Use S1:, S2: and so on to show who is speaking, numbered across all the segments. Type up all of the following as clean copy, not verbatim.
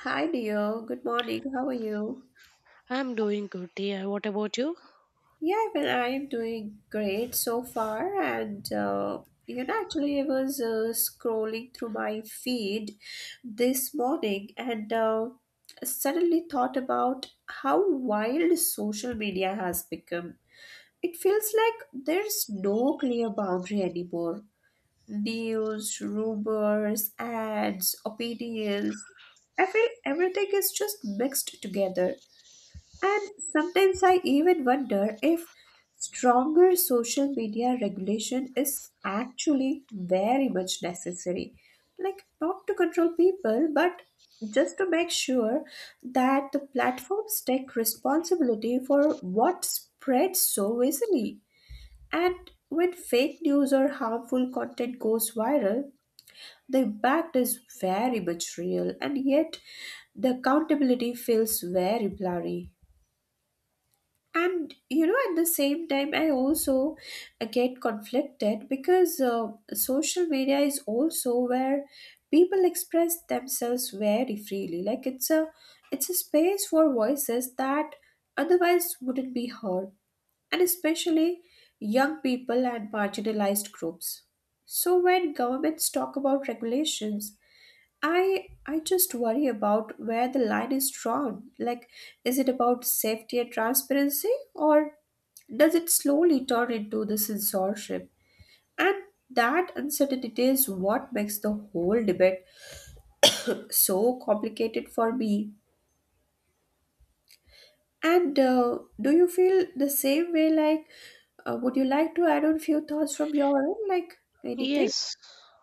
S1: Hi, Dio. Good morning. How are you?
S2: I'm doing good, dear. What about you?
S1: Yeah, well, I'm doing great so far. And, actually, I was scrolling through my feed this morning and suddenly thought about how wild social media has become. It feels like there's no clear boundary anymore. News, rumors, ads, opinions, everything is just mixed together. And sometimes I even wonder if stronger social media regulation is actually very much necessary. Like, not to control people, but just to make sure that the platforms take responsibility for what spreads so easily. And when fake news or harmful content goes viral, the impact is very much real, and yet the accountability feels very blurry. And at the same time, I also get conflicted because social media is also where people express themselves very freely. Like, it's a space for voices that otherwise wouldn't be heard, and especially young people and marginalized groups. So when governments talk about regulations, I just worry about where the line is drawn. Like, is it about safety and transparency, or does it slowly turn into the censorship? And that uncertainty is what makes the whole debate so complicated for me. And do you feel the same way? Like, would you like to add on few thoughts from your own, like anything?
S2: Yes,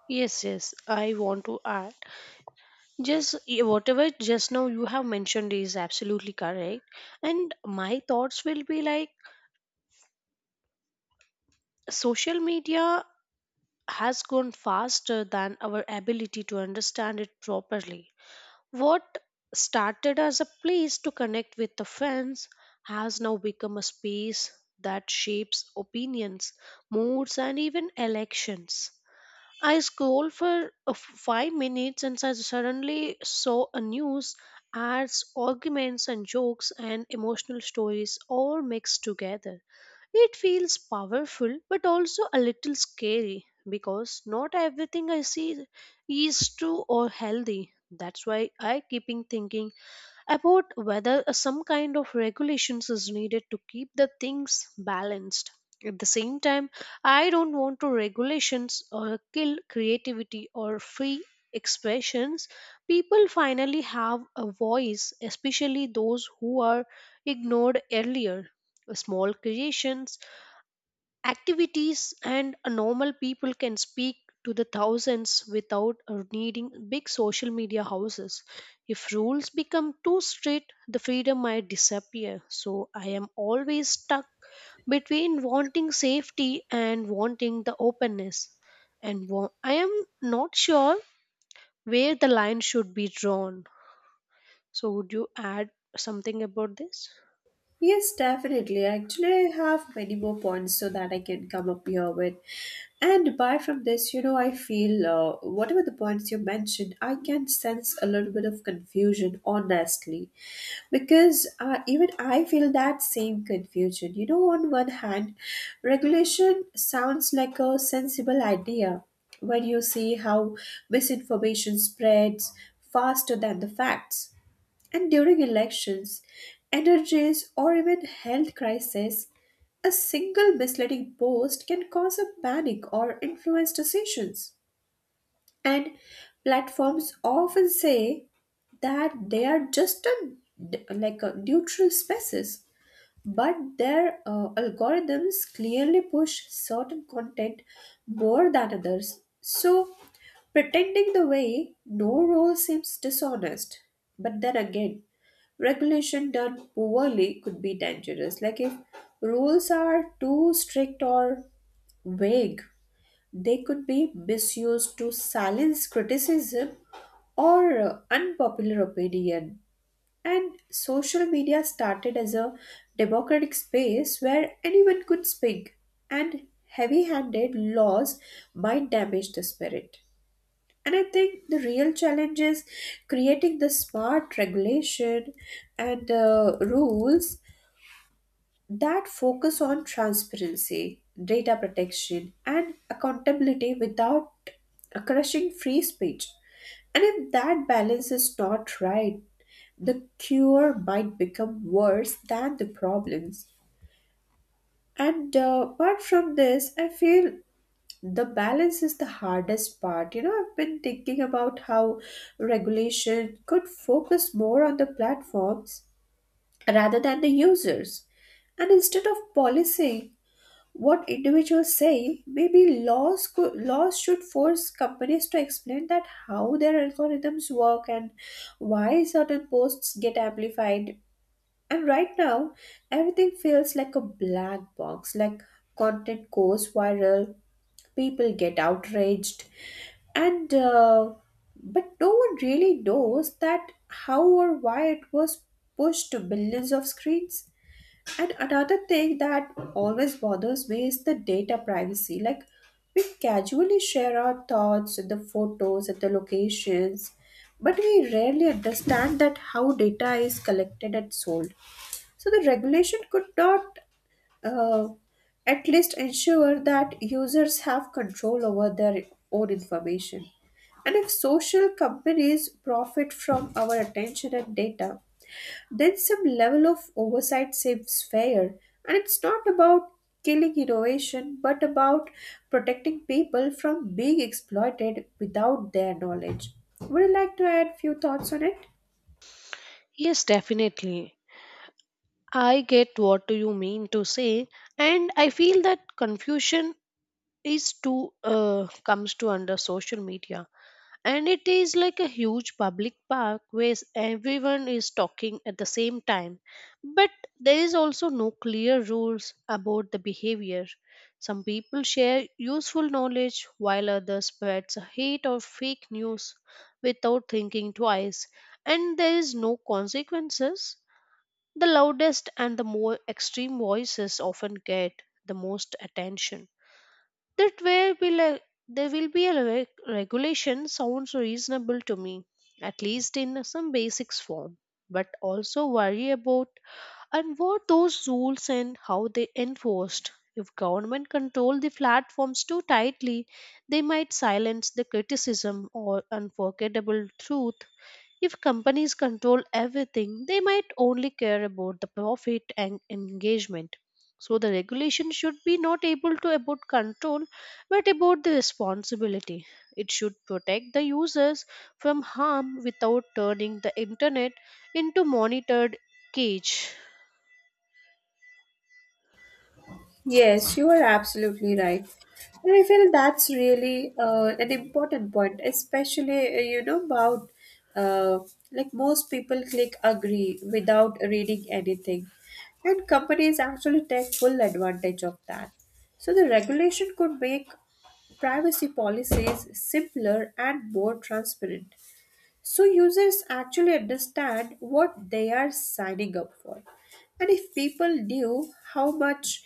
S2: yes. I want to add just yeah, whatever just now you have mentioned is absolutely correct. And my thoughts will be like social media has gone faster than our ability to understand it properly. What started as a place to connect with the friends has now become a space that shapes opinions, moods, and even elections. I scrolled for 5 minutes and I suddenly saw a news, ads, arguments, and jokes and emotional stories all mixed together. It feels powerful but also a little scary because not everything I see is true or healthy. That's why I keeping thinking about whether some kind of regulations is needed to keep the things balanced. At the same time, I don't want to regulations or kill creativity or free expressions. People finally have a voice, especially those who are ignored earlier. Small creations activities and a normal people can speak to the thousands without needing big social media houses. If rules become too strict, the freedom might disappear. So I am always stuck between wanting safety and wanting the openness, and I am not sure where the line should be drawn. So would you add something about this?
S1: Yes, definitely. Actually, I have many more points so that I can come up here with. And apart from this, you know, I feel whatever the points you mentioned, I can sense a little bit of confusion, honestly, because even I feel that same confusion. You know, on one hand, regulation sounds like a sensible idea when you see how misinformation spreads faster than the facts, and during elections, energies, or even health crises, a single misleading post can cause a panic or influence decisions. And platforms often say that they are just a, like a neutral spaces, but their algorithms clearly push certain content more than others. So pretending the way no role seems dishonest. But then again, regulation done poorly could be dangerous. Like, if rules are too strict or vague, they could be misused to silence criticism or unpopular opinion. And social media started as a democratic space where anyone could speak, and heavy handed laws might damage the spirit. And I think the real challenge is creating the smart regulation and rules that focus on transparency, data protection, and accountability without crushing free speech. And if that balance is not right, the cure might become worse than the problems. And apart from this, I feel the balance is the hardest part. You know, I've been thinking about how regulation could focus more on the platforms rather than the users, and instead of policing what individuals say, maybe laws should force companies to explain that how their algorithms work and why certain posts get amplified. And right now, everything feels like a black box. Like, content goes viral, people get outraged, and but no one really knows that how or why it was pushed to billions of screens. And another thing that always bothers me is the data privacy. Like, we casually share our thoughts and the photos and the locations, but we rarely understand that how data is collected and sold. So the regulation could not uh, at least ensure that users have control over their own information. And if social companies profit from our attention and data, then some level of oversight seems fair. And it's not about killing innovation, but about protecting people from being exploited without their knowledge. Would you like to add few thoughts on it?
S2: Yes, definitely. I get what do you mean to say, and I feel that confusion is too comes to under social media, and it is like a huge public park where everyone is talking at the same time. But there is also no clear rules about the behavior. Some people share useful knowledge while others spreads hate or fake news without thinking twice, and there is no consequences. The loudest and the more extreme voices often get the most attention. That way will a- There will be regulation sounds reasonable to me, at least in some basics form. But also worry about and what those rules and how they enforced. If government control the platforms too tightly, they might silence the criticism or unforgettable truth. If companies control everything, they might only care about the profit and engagement. So the regulation should be not able to about control but about the responsibility. It should protect the users from harm without turning the internet into monitored cage.
S1: Yes, you are absolutely right. And I feel that's really an important point, especially, you know, about uh, like, most people click agree without reading anything. And companies actually take full advantage of that. So the regulation could make privacy policies simpler and more transparent, so users actually understand what they are signing up for. And if people knew how much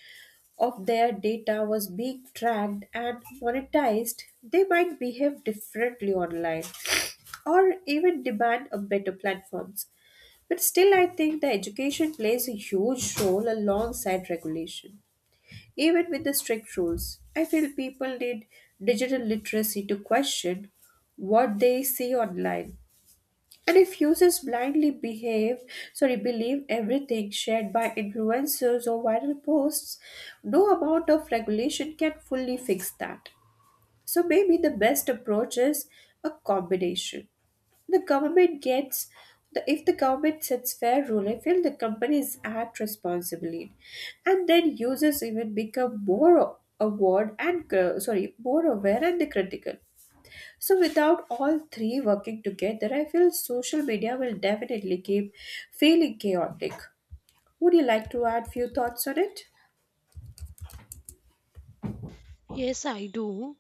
S1: of their data was being tracked and monetized, they might behave differently online or even demand a better platforms. But still, I think the education plays a huge role alongside regulation. Even with the strict rules, I feel people need digital literacy to question what they see online, and if users blindly behave sorry believe everything shared by influencers or viral posts, no amount of regulation can fully fix that. So maybe the best approach is a combination. The government gets the, If the government sets fair rule, I feel the companies act responsibly, and then users even become more aware and the critical. So, without all three working together, I feel social media will definitely keep feeling chaotic. Would you like to add few thoughts on it?
S2: Yes, I do.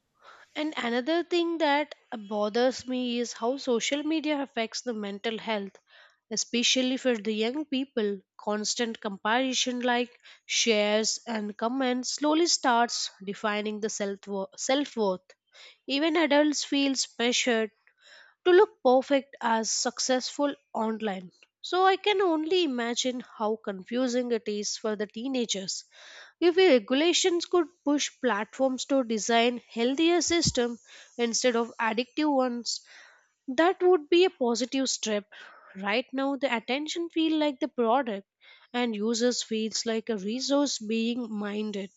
S2: And another thing that bothers me is how social media affects the mental health, especially for the young people. Constant comparison, like shares and comments, slowly starts defining the self worth. Even adults feel pressured to look perfect as successful online. So I can only imagine how confusing it is for the teenagers. If the regulations could push platforms to design healthier systems instead of addictive ones, that would be a positive step. Right now the attention feels like the product and users feels like a resource being minded.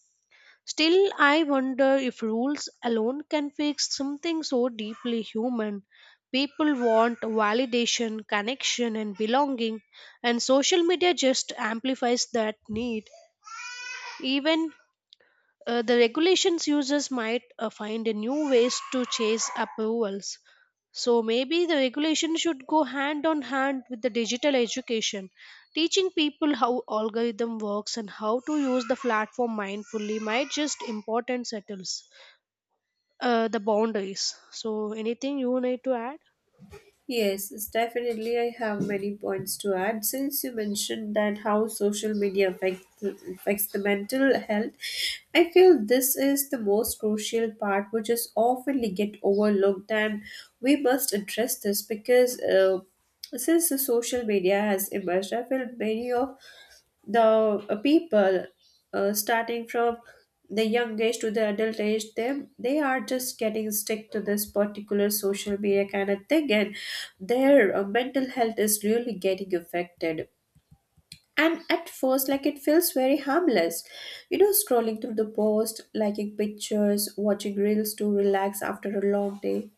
S2: Still, I wonder if rules alone can fix something so deeply human. People want validation, connection, and belonging, and social media just amplifies that need. Even the regulations users might find a new ways to chase approvals. So maybe the regulation should go hand on hand with the digital education, teaching people how algorithm works and how to use the platform mindfully might just important settles the boundaries. So anything you need to add?
S1: Yes, it's definitely. I have many points to add. Since you mentioned that how social media affects the mental health, I feel this is the most crucial part, which is often get overlooked, and we must address this because since the social media has emerged, I feel many of the people starting from the young age to the adult age them, they are just getting stuck to this particular social media kind of thing, and their mental health is really getting affected. And at first, like, it feels very harmless. You know, scrolling through the post, liking pictures, watching reels to relax after a long day.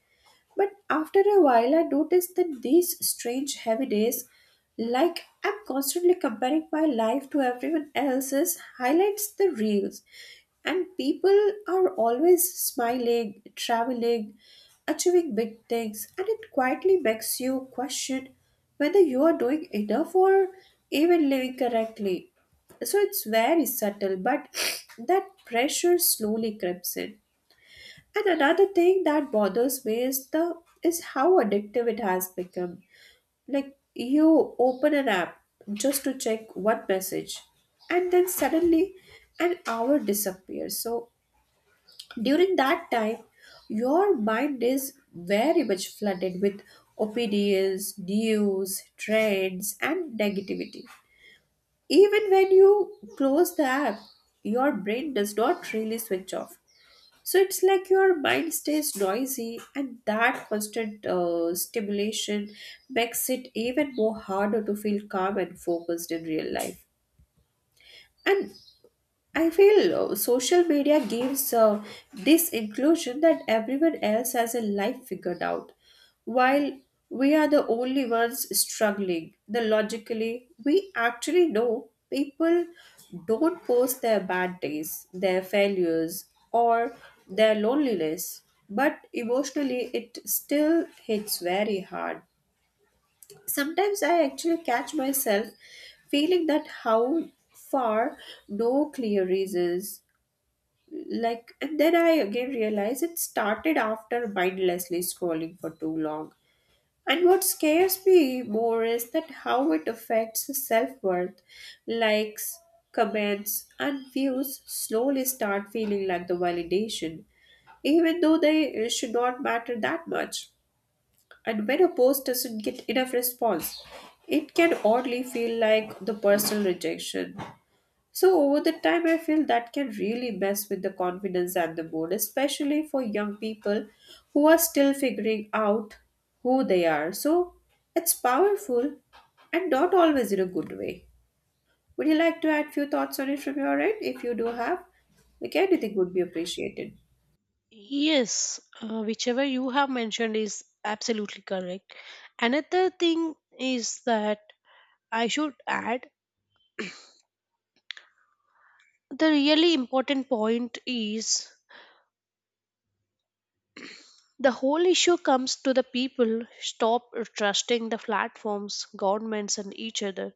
S1: But after a while, I noticed that these strange heavy days, like, I'm constantly comparing my life to everyone else's, highlights the reels. And people are always smiling, traveling, achieving big things, and it quietly makes you question whether you are doing enough or even living correctly. So it's very subtle, but that pressure slowly creeps in. And another thing that bothers me is the is how addictive it has become. Like, you open an app just to check one message, and then suddenly an hour disappears. So during that time, your mind is very much flooded with opinions, news, trends and negativity. Even when you close the app, your brain does not really switch off, so it's like your mind stays noisy, and that constant stimulation makes it even more harder to feel calm and focused in real life. And I feel social media gives this inclusion that everyone else has a life figured out, while we are the only ones struggling. The logically, we actually know people don't post their bad days, their failures, or their loneliness, but emotionally, it still hits very hard. Sometimes I actually catch myself feeling that how far no clear reasons, like, and then I again realized it started after mindlessly scrolling for too long. And what scares me more is that how it affects self-worth. Likes, comments and views slowly start feeling like the validation, even though they should not matter that much. And when a post doesn't get enough response, it can oddly feel like the personal rejection. So over the time, I feel that can really mess with the confidence and the mood, especially for young people who are still figuring out who they are. So it's powerful, and not always in a good way. Would you like to add few thoughts on it from your end? If you do have, like, anything would be appreciated.
S2: Yes, whichever you have mentioned is absolutely correct. Another thing is that I should add the really important point is the whole issue comes to the people stop trusting the platforms governments and each other.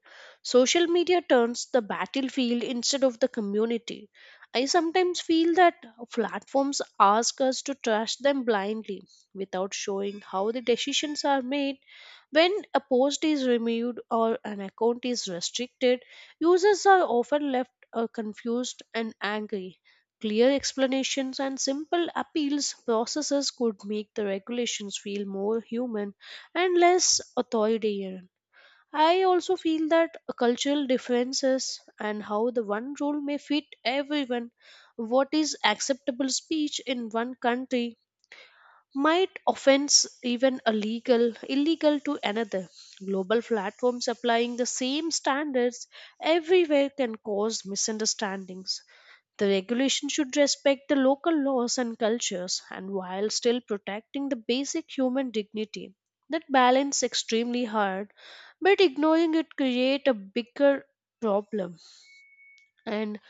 S2: Social media turns the battlefield instead of the community. I sometimes feel that platforms ask us to trust them blindly without showing how the decisions are made. When a post is removed or an account is restricted, users are often left confused and angry. Clear explanations and simple appeals processes could make the regulations feel more human and less authoritarian. I also feel that cultural differences and how the one rule may fit everyone, what is acceptable speech in one country might offense even illegal to another. Global platforms applying the same standards everywhere can cause misunderstandings. The regulation should respect the local laws and cultures and while still protecting the basic human dignity. That balance extremely hard, but ignoring it create a bigger problem. And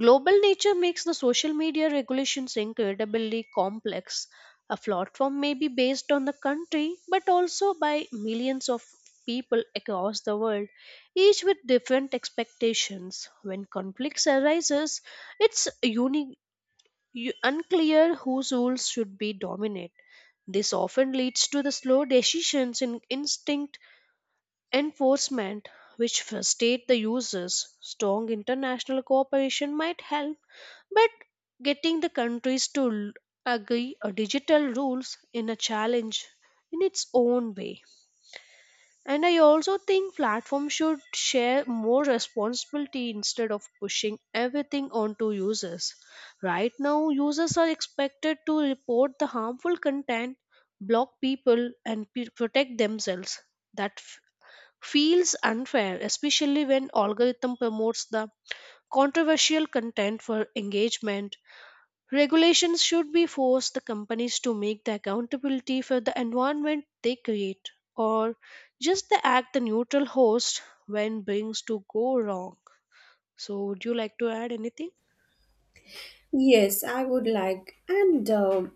S2: global nature makes the social media regulations incredibly complex. A platform may be based on the country, but also by millions of people across the world, each with different expectations. When conflicts arises, it's unclear whose rules should be dominant. This often leads to the slow decisions in instinct enforcement, which frustrate the users. Strong international cooperation might help, but getting the countries to agree on digital rules in a challenge in its own way. And I also think platforms should share more responsibility instead of pushing everything onto users. Right now, users are expected to report the harmful content, block people, and protect themselves. That feels unfair, especially when algorithm promotes the controversial content for engagement. Regulations should be forced the companies to make the accountability for the environment they create or just the act the neutral host when things to go wrong. So would you like to add anything?
S1: Yes, I would like. And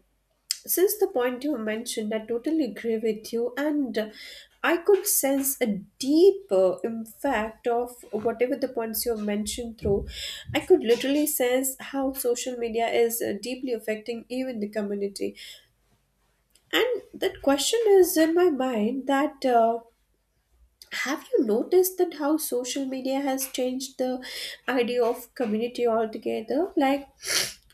S1: Since the point you mentioned, I totally agree with you, and I could sense a deep impact of whatever the points you have mentioned through. I could literally sense how social media is deeply affecting even the community, and that question is in my mind that. Have you noticed that how social media has changed the idea of community altogether? Like,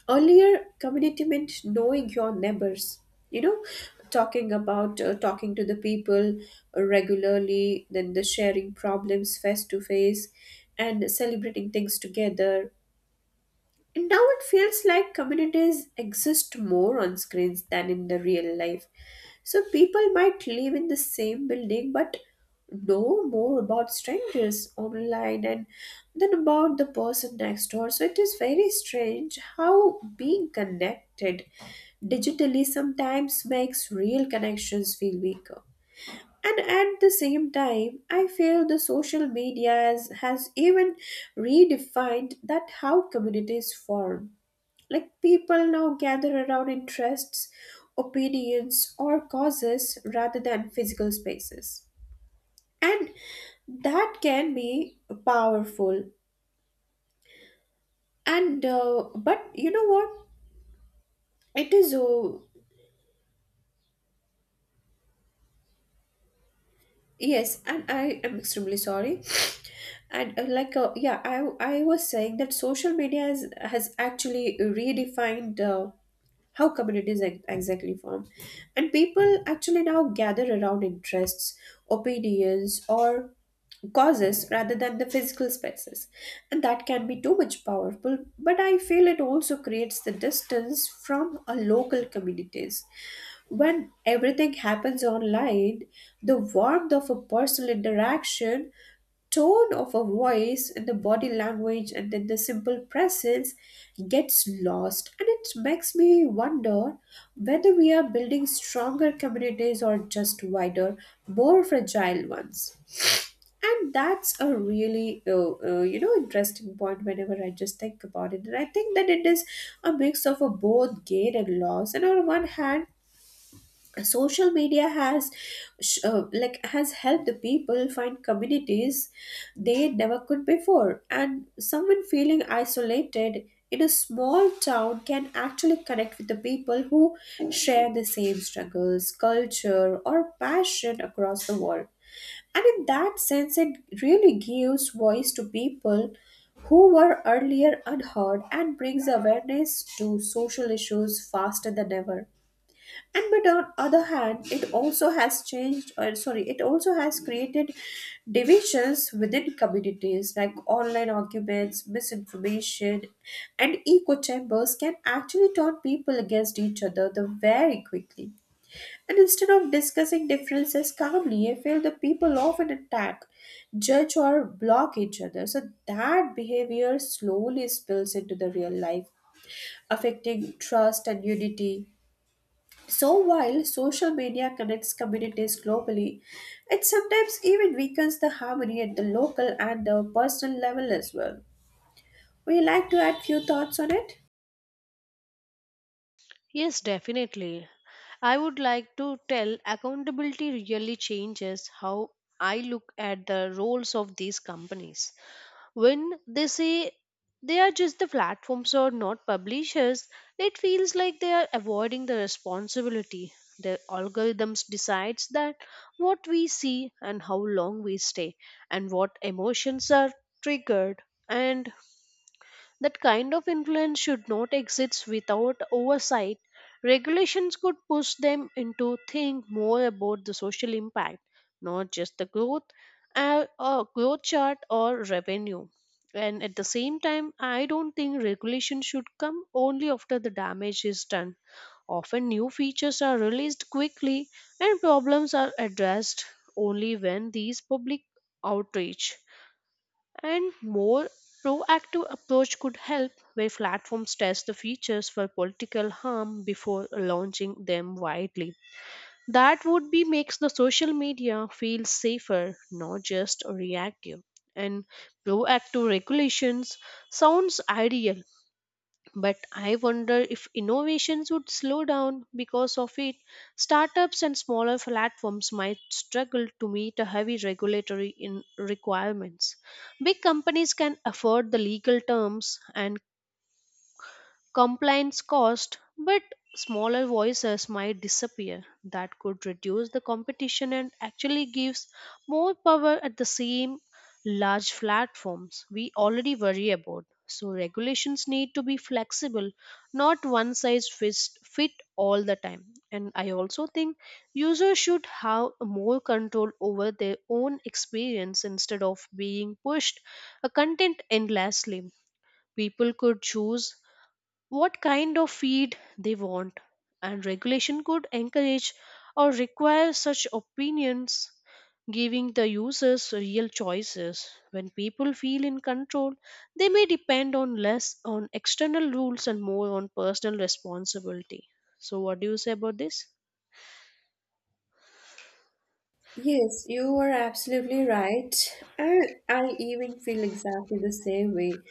S1: earlier, community meant knowing your neighbors, you know, talking to the people regularly, then the sharing problems face to face and celebrating things together. And now it feels like communities exist more on screens than in the real life. So people might live in the same building but know more about strangers online and than about the person next door. So it is very strange how being connected digitally sometimes makes real connections feel weaker. And at the same time, I feel the social media has even redefined that how communities form. Like, people now gather around interests, opinions, or causes rather than physical spaces. And that can be powerful. And but you know what? It is yes, and I am extremely sorry. And yeah, I was saying that social media has actually redefined. How communities exactly form, and people actually now gather around interests, opinions, or causes rather than the physical spaces. And that can be too much powerful, but I feel it also creates the distance from a local communities. When everything happens online, the warmth of a personal interaction, tone of a voice, and the body language, and then the simple presence gets lost. And it makes me wonder whether we are building stronger communities or just wider, more fragile ones. And that's a really, interesting point whenever I just think about it. And I think that it is a mix of a both gain and loss. And on one hand, social media has has helped the people find communities they never could before, and someone feeling isolated in a small town can actually connect with the people who share the same struggles, culture, or passion across the world. And in that sense, it really gives voice to people who were earlier unheard and brings awareness to social issues faster than ever. And but on other hand, it also has changed, or sorry, it also has created divisions within communities, like online arguments, misinformation, and echo chambers can actually turn people against each other the very quickly. And instead of discussing differences calmly, I feel the people often attack, judge, or block each other. So that behavior slowly spills into the real life, affecting trust and unity. So while social media connects communities globally, it sometimes even weakens the harmony at the local and the personal level as well. Would you like to add few thoughts on it?
S2: Yes, definitely. I would like to tell accountability really changes how I look at the roles of these companies. When they say they are just the platforms or not publishers, it feels like they are avoiding the responsibility. The algorithms decides that what we see and how long we stay and what emotions are triggered, and that kind of influence should not exist without oversight. Regulations could push them into think more about the social impact, not just the growth, growth chart or revenue. And at the same time, I don't think regulation should come only after the damage is done. Often, new features are released quickly and problems are addressed only when these public outreach and more proactive approach could help where platforms test the features for political harm before launching them widely. That would be makes the social media feel safer, not just reactive. And proactive regulations sounds ideal, but I wonder if innovations would slow down because of it. Startups and smaller platforms might struggle to meet a heavy regulatory in requirements. Big companies can afford the legal terms and compliance cost, but smaller voices might disappear. That could reduce the competition and actually gives more power at the same large platforms we already worry about. So regulations need to be flexible, not one size fit all the time. And I also think users should have more control over their own experience instead of being pushed a content endlessly. People could choose what kind of feed they want, and regulation could encourage or require such opinions, giving the users real choices. When people feel in control, they may depend on less on external rules and more on personal responsibility. So, what do you say about this?
S1: Yes, you are absolutely right. And I even feel exactly the same way.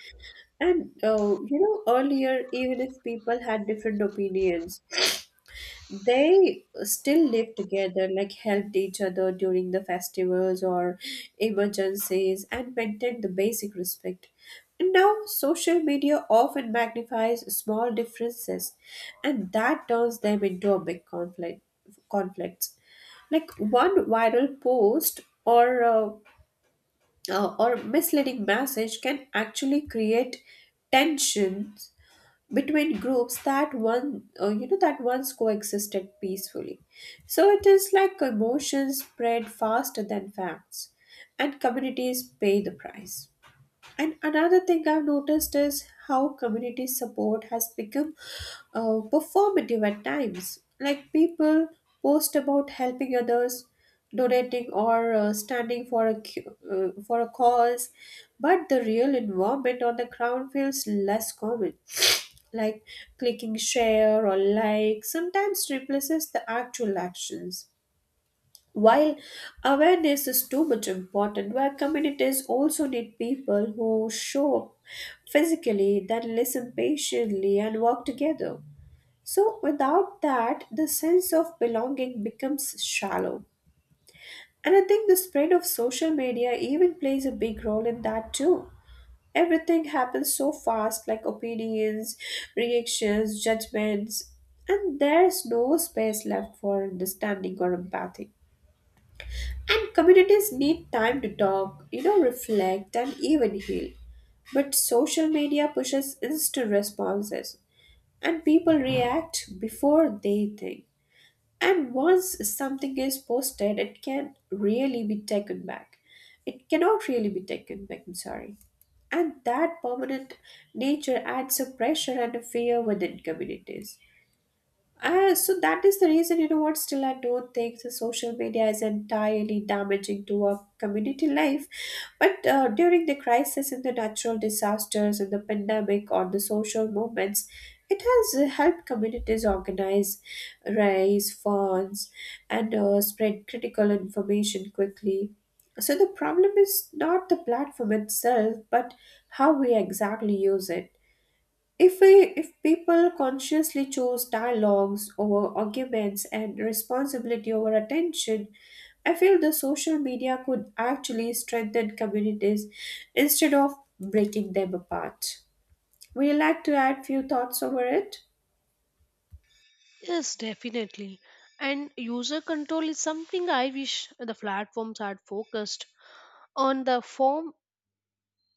S1: And earlier, even if people had different opinions, they still live together, like helped each other during the festivals or emergencies, and maintained the basic respect. And now social media often magnifies small differences, and that turns them into a big conflicts. Like one viral post or or misleading message can actually create tensions between groups that one you know that once coexisted peacefully. So it is like emotions spread faster than facts, and communities pay the price. And another thing I've noticed is how community support has become performative at times, like people post about helping others, donating, or standing for a for a cause, but the real involvement on the ground feels less common. Like clicking share or like sometimes replaces the actual actions. While awareness is too much important, where communities also need people who show up physically, then listen patiently and work together. So, without that, the sense of belonging becomes shallow. And I think the spread of social media even plays a big role in that too. Everything happens so fast, like opinions, reactions, judgments, and there's no space left for understanding or empathy. And communities need time to talk, you know, reflect, and even heal. But social media pushes instant responses, and people react before they think. And once something is posted, it can really be taken back. It cannot really be taken back, I'm sorry. And that permanent nature adds a pressure and a fear within communities. So that is the reason, you know what, still I don't think the social media is entirely damaging to our community life. But during the crisis and the natural disasters and the pandemic or the social movements, it has helped communities organize, raise funds, and spread critical information quickly. So the problem is not the platform itself, but how we exactly use it. If people consciously chose dialogues over arguments and responsibility over attention, I feel the social media could actually strengthen communities instead of breaking them apart. Would you like to add few thoughts over it?
S2: Yes, definitely. And user control is something I wish the platforms had focused on the form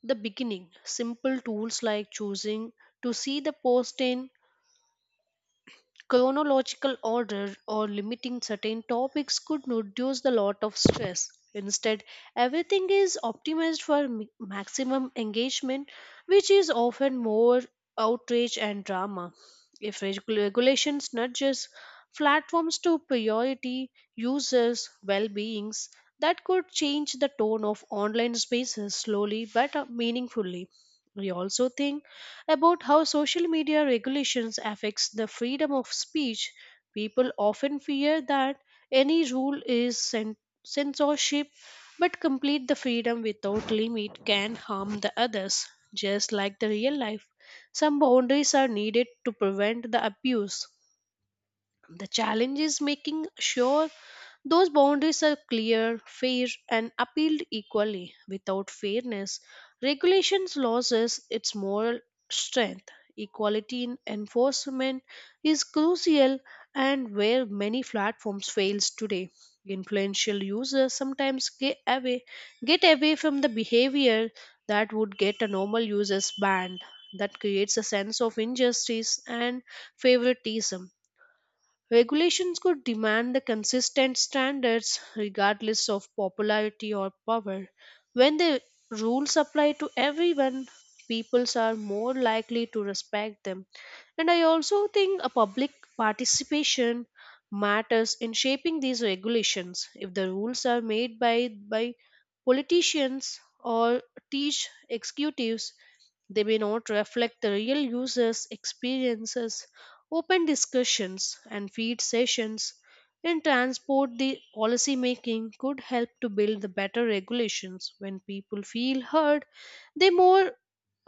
S2: the beginning. Simple tools like choosing to see the post in chronological order or limiting certain topics could reduce the lot of stress. Instead, everything is optimized for maximum engagement, which is often more outrage and drama. If regulations nudges platforms to priority users' well-beings, that could change the tone of online spaces slowly but meaningfully. We also think about how social media regulations affects the freedom of speech. People often fear that any rule is censorship, but complete the freedom without limit can harm the others. Just like the real life, some boundaries are needed to prevent the abuse. The challenge is making sure those boundaries are clear, fair, and appealed equally. Without fairness, regulations loses its moral strength. Equality in enforcement is crucial and where many platforms fails today. Influential users sometimes get away from the behavior that would get a normal users banned. That creates a sense of injustice and favoritism. Regulations could demand the consistent standards regardless of popularity or power. When the rules apply to everyone, peoples are more likely to respect them. And I also think a public participation matters in shaping these regulations. If the rules are made by politicians or teach executives, they may not reflect the real users' experiences. Open discussions and feed sessions in transport the policy making could help to build the better regulations. When people feel heard, they more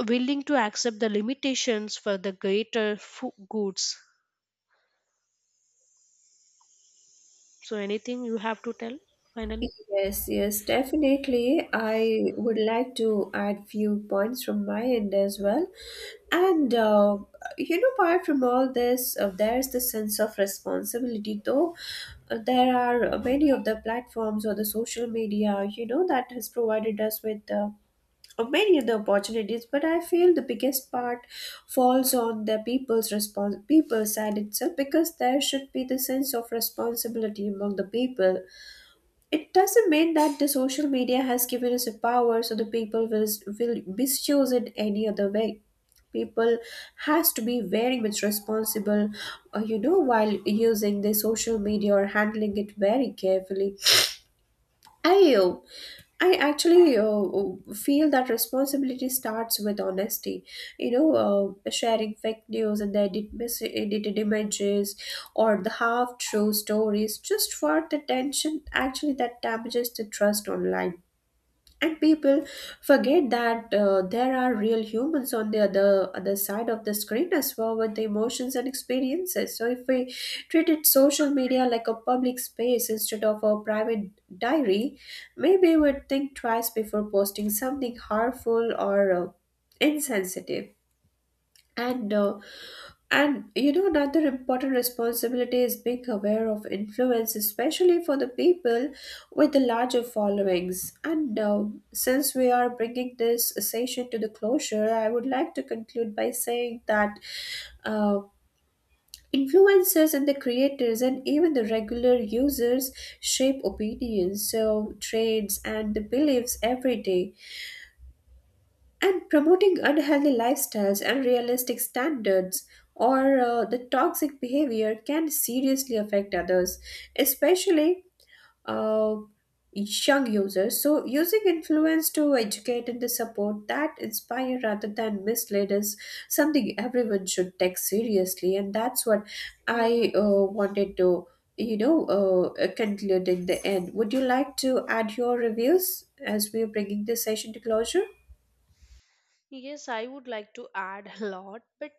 S2: willing to accept the limitations for the greater goods. So anything you have to tell finally?
S1: Yes, yes, definitely. I would like to add few points from my end as well. And apart from all this, there's the sense of responsibility. Though there are many of the platforms or the social media, you know, that has provided us with many of the opportunities. But I feel the biggest part falls on the people's side itself, because there should be the sense of responsibility among the people. It doesn't mean that the social media has given us a power so the people will misuse it any other way. People has to be very much responsible, you know, while using the social media or handling it very carefully. I uh, I actually feel that responsibility starts with honesty. You know, sharing fake news and the edited images or the half true stories just for the tension actually that damages the trust online. And people forget that there are real humans on the other side of the screen as well, with the emotions and experiences. So if we treated social media like a public space instead of a private diary, maybe we'd think twice before posting something harmful or insensitive. And uh, and you know, another important responsibility is being aware of influence, especially for the people with the larger followings. And since we are bringing this session to the closure, I would like to conclude by saying that uh, influencers and the creators and even the regular users shape opinions, so trends, and the beliefs every day, and promoting unhealthy lifestyles and realistic standards or the toxic behavior can seriously affect others, especially uh, young users. So using influence to educate and to support that inspire rather than mislead is something everyone should take seriously. And that's what I wanted to, conclude in the end. Would you like to add your reviews as we're bringing this session to closure?
S2: Yes, I would like to add a lot, but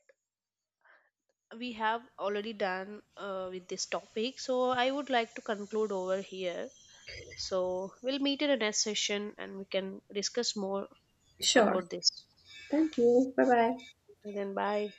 S2: we have already done with this topic, so I would like to conclude over here. So we'll meet in the next session and we can discuss more
S1: Sure.
S2: about this.
S1: Thank you. Bye bye.
S2: Okay, then bye.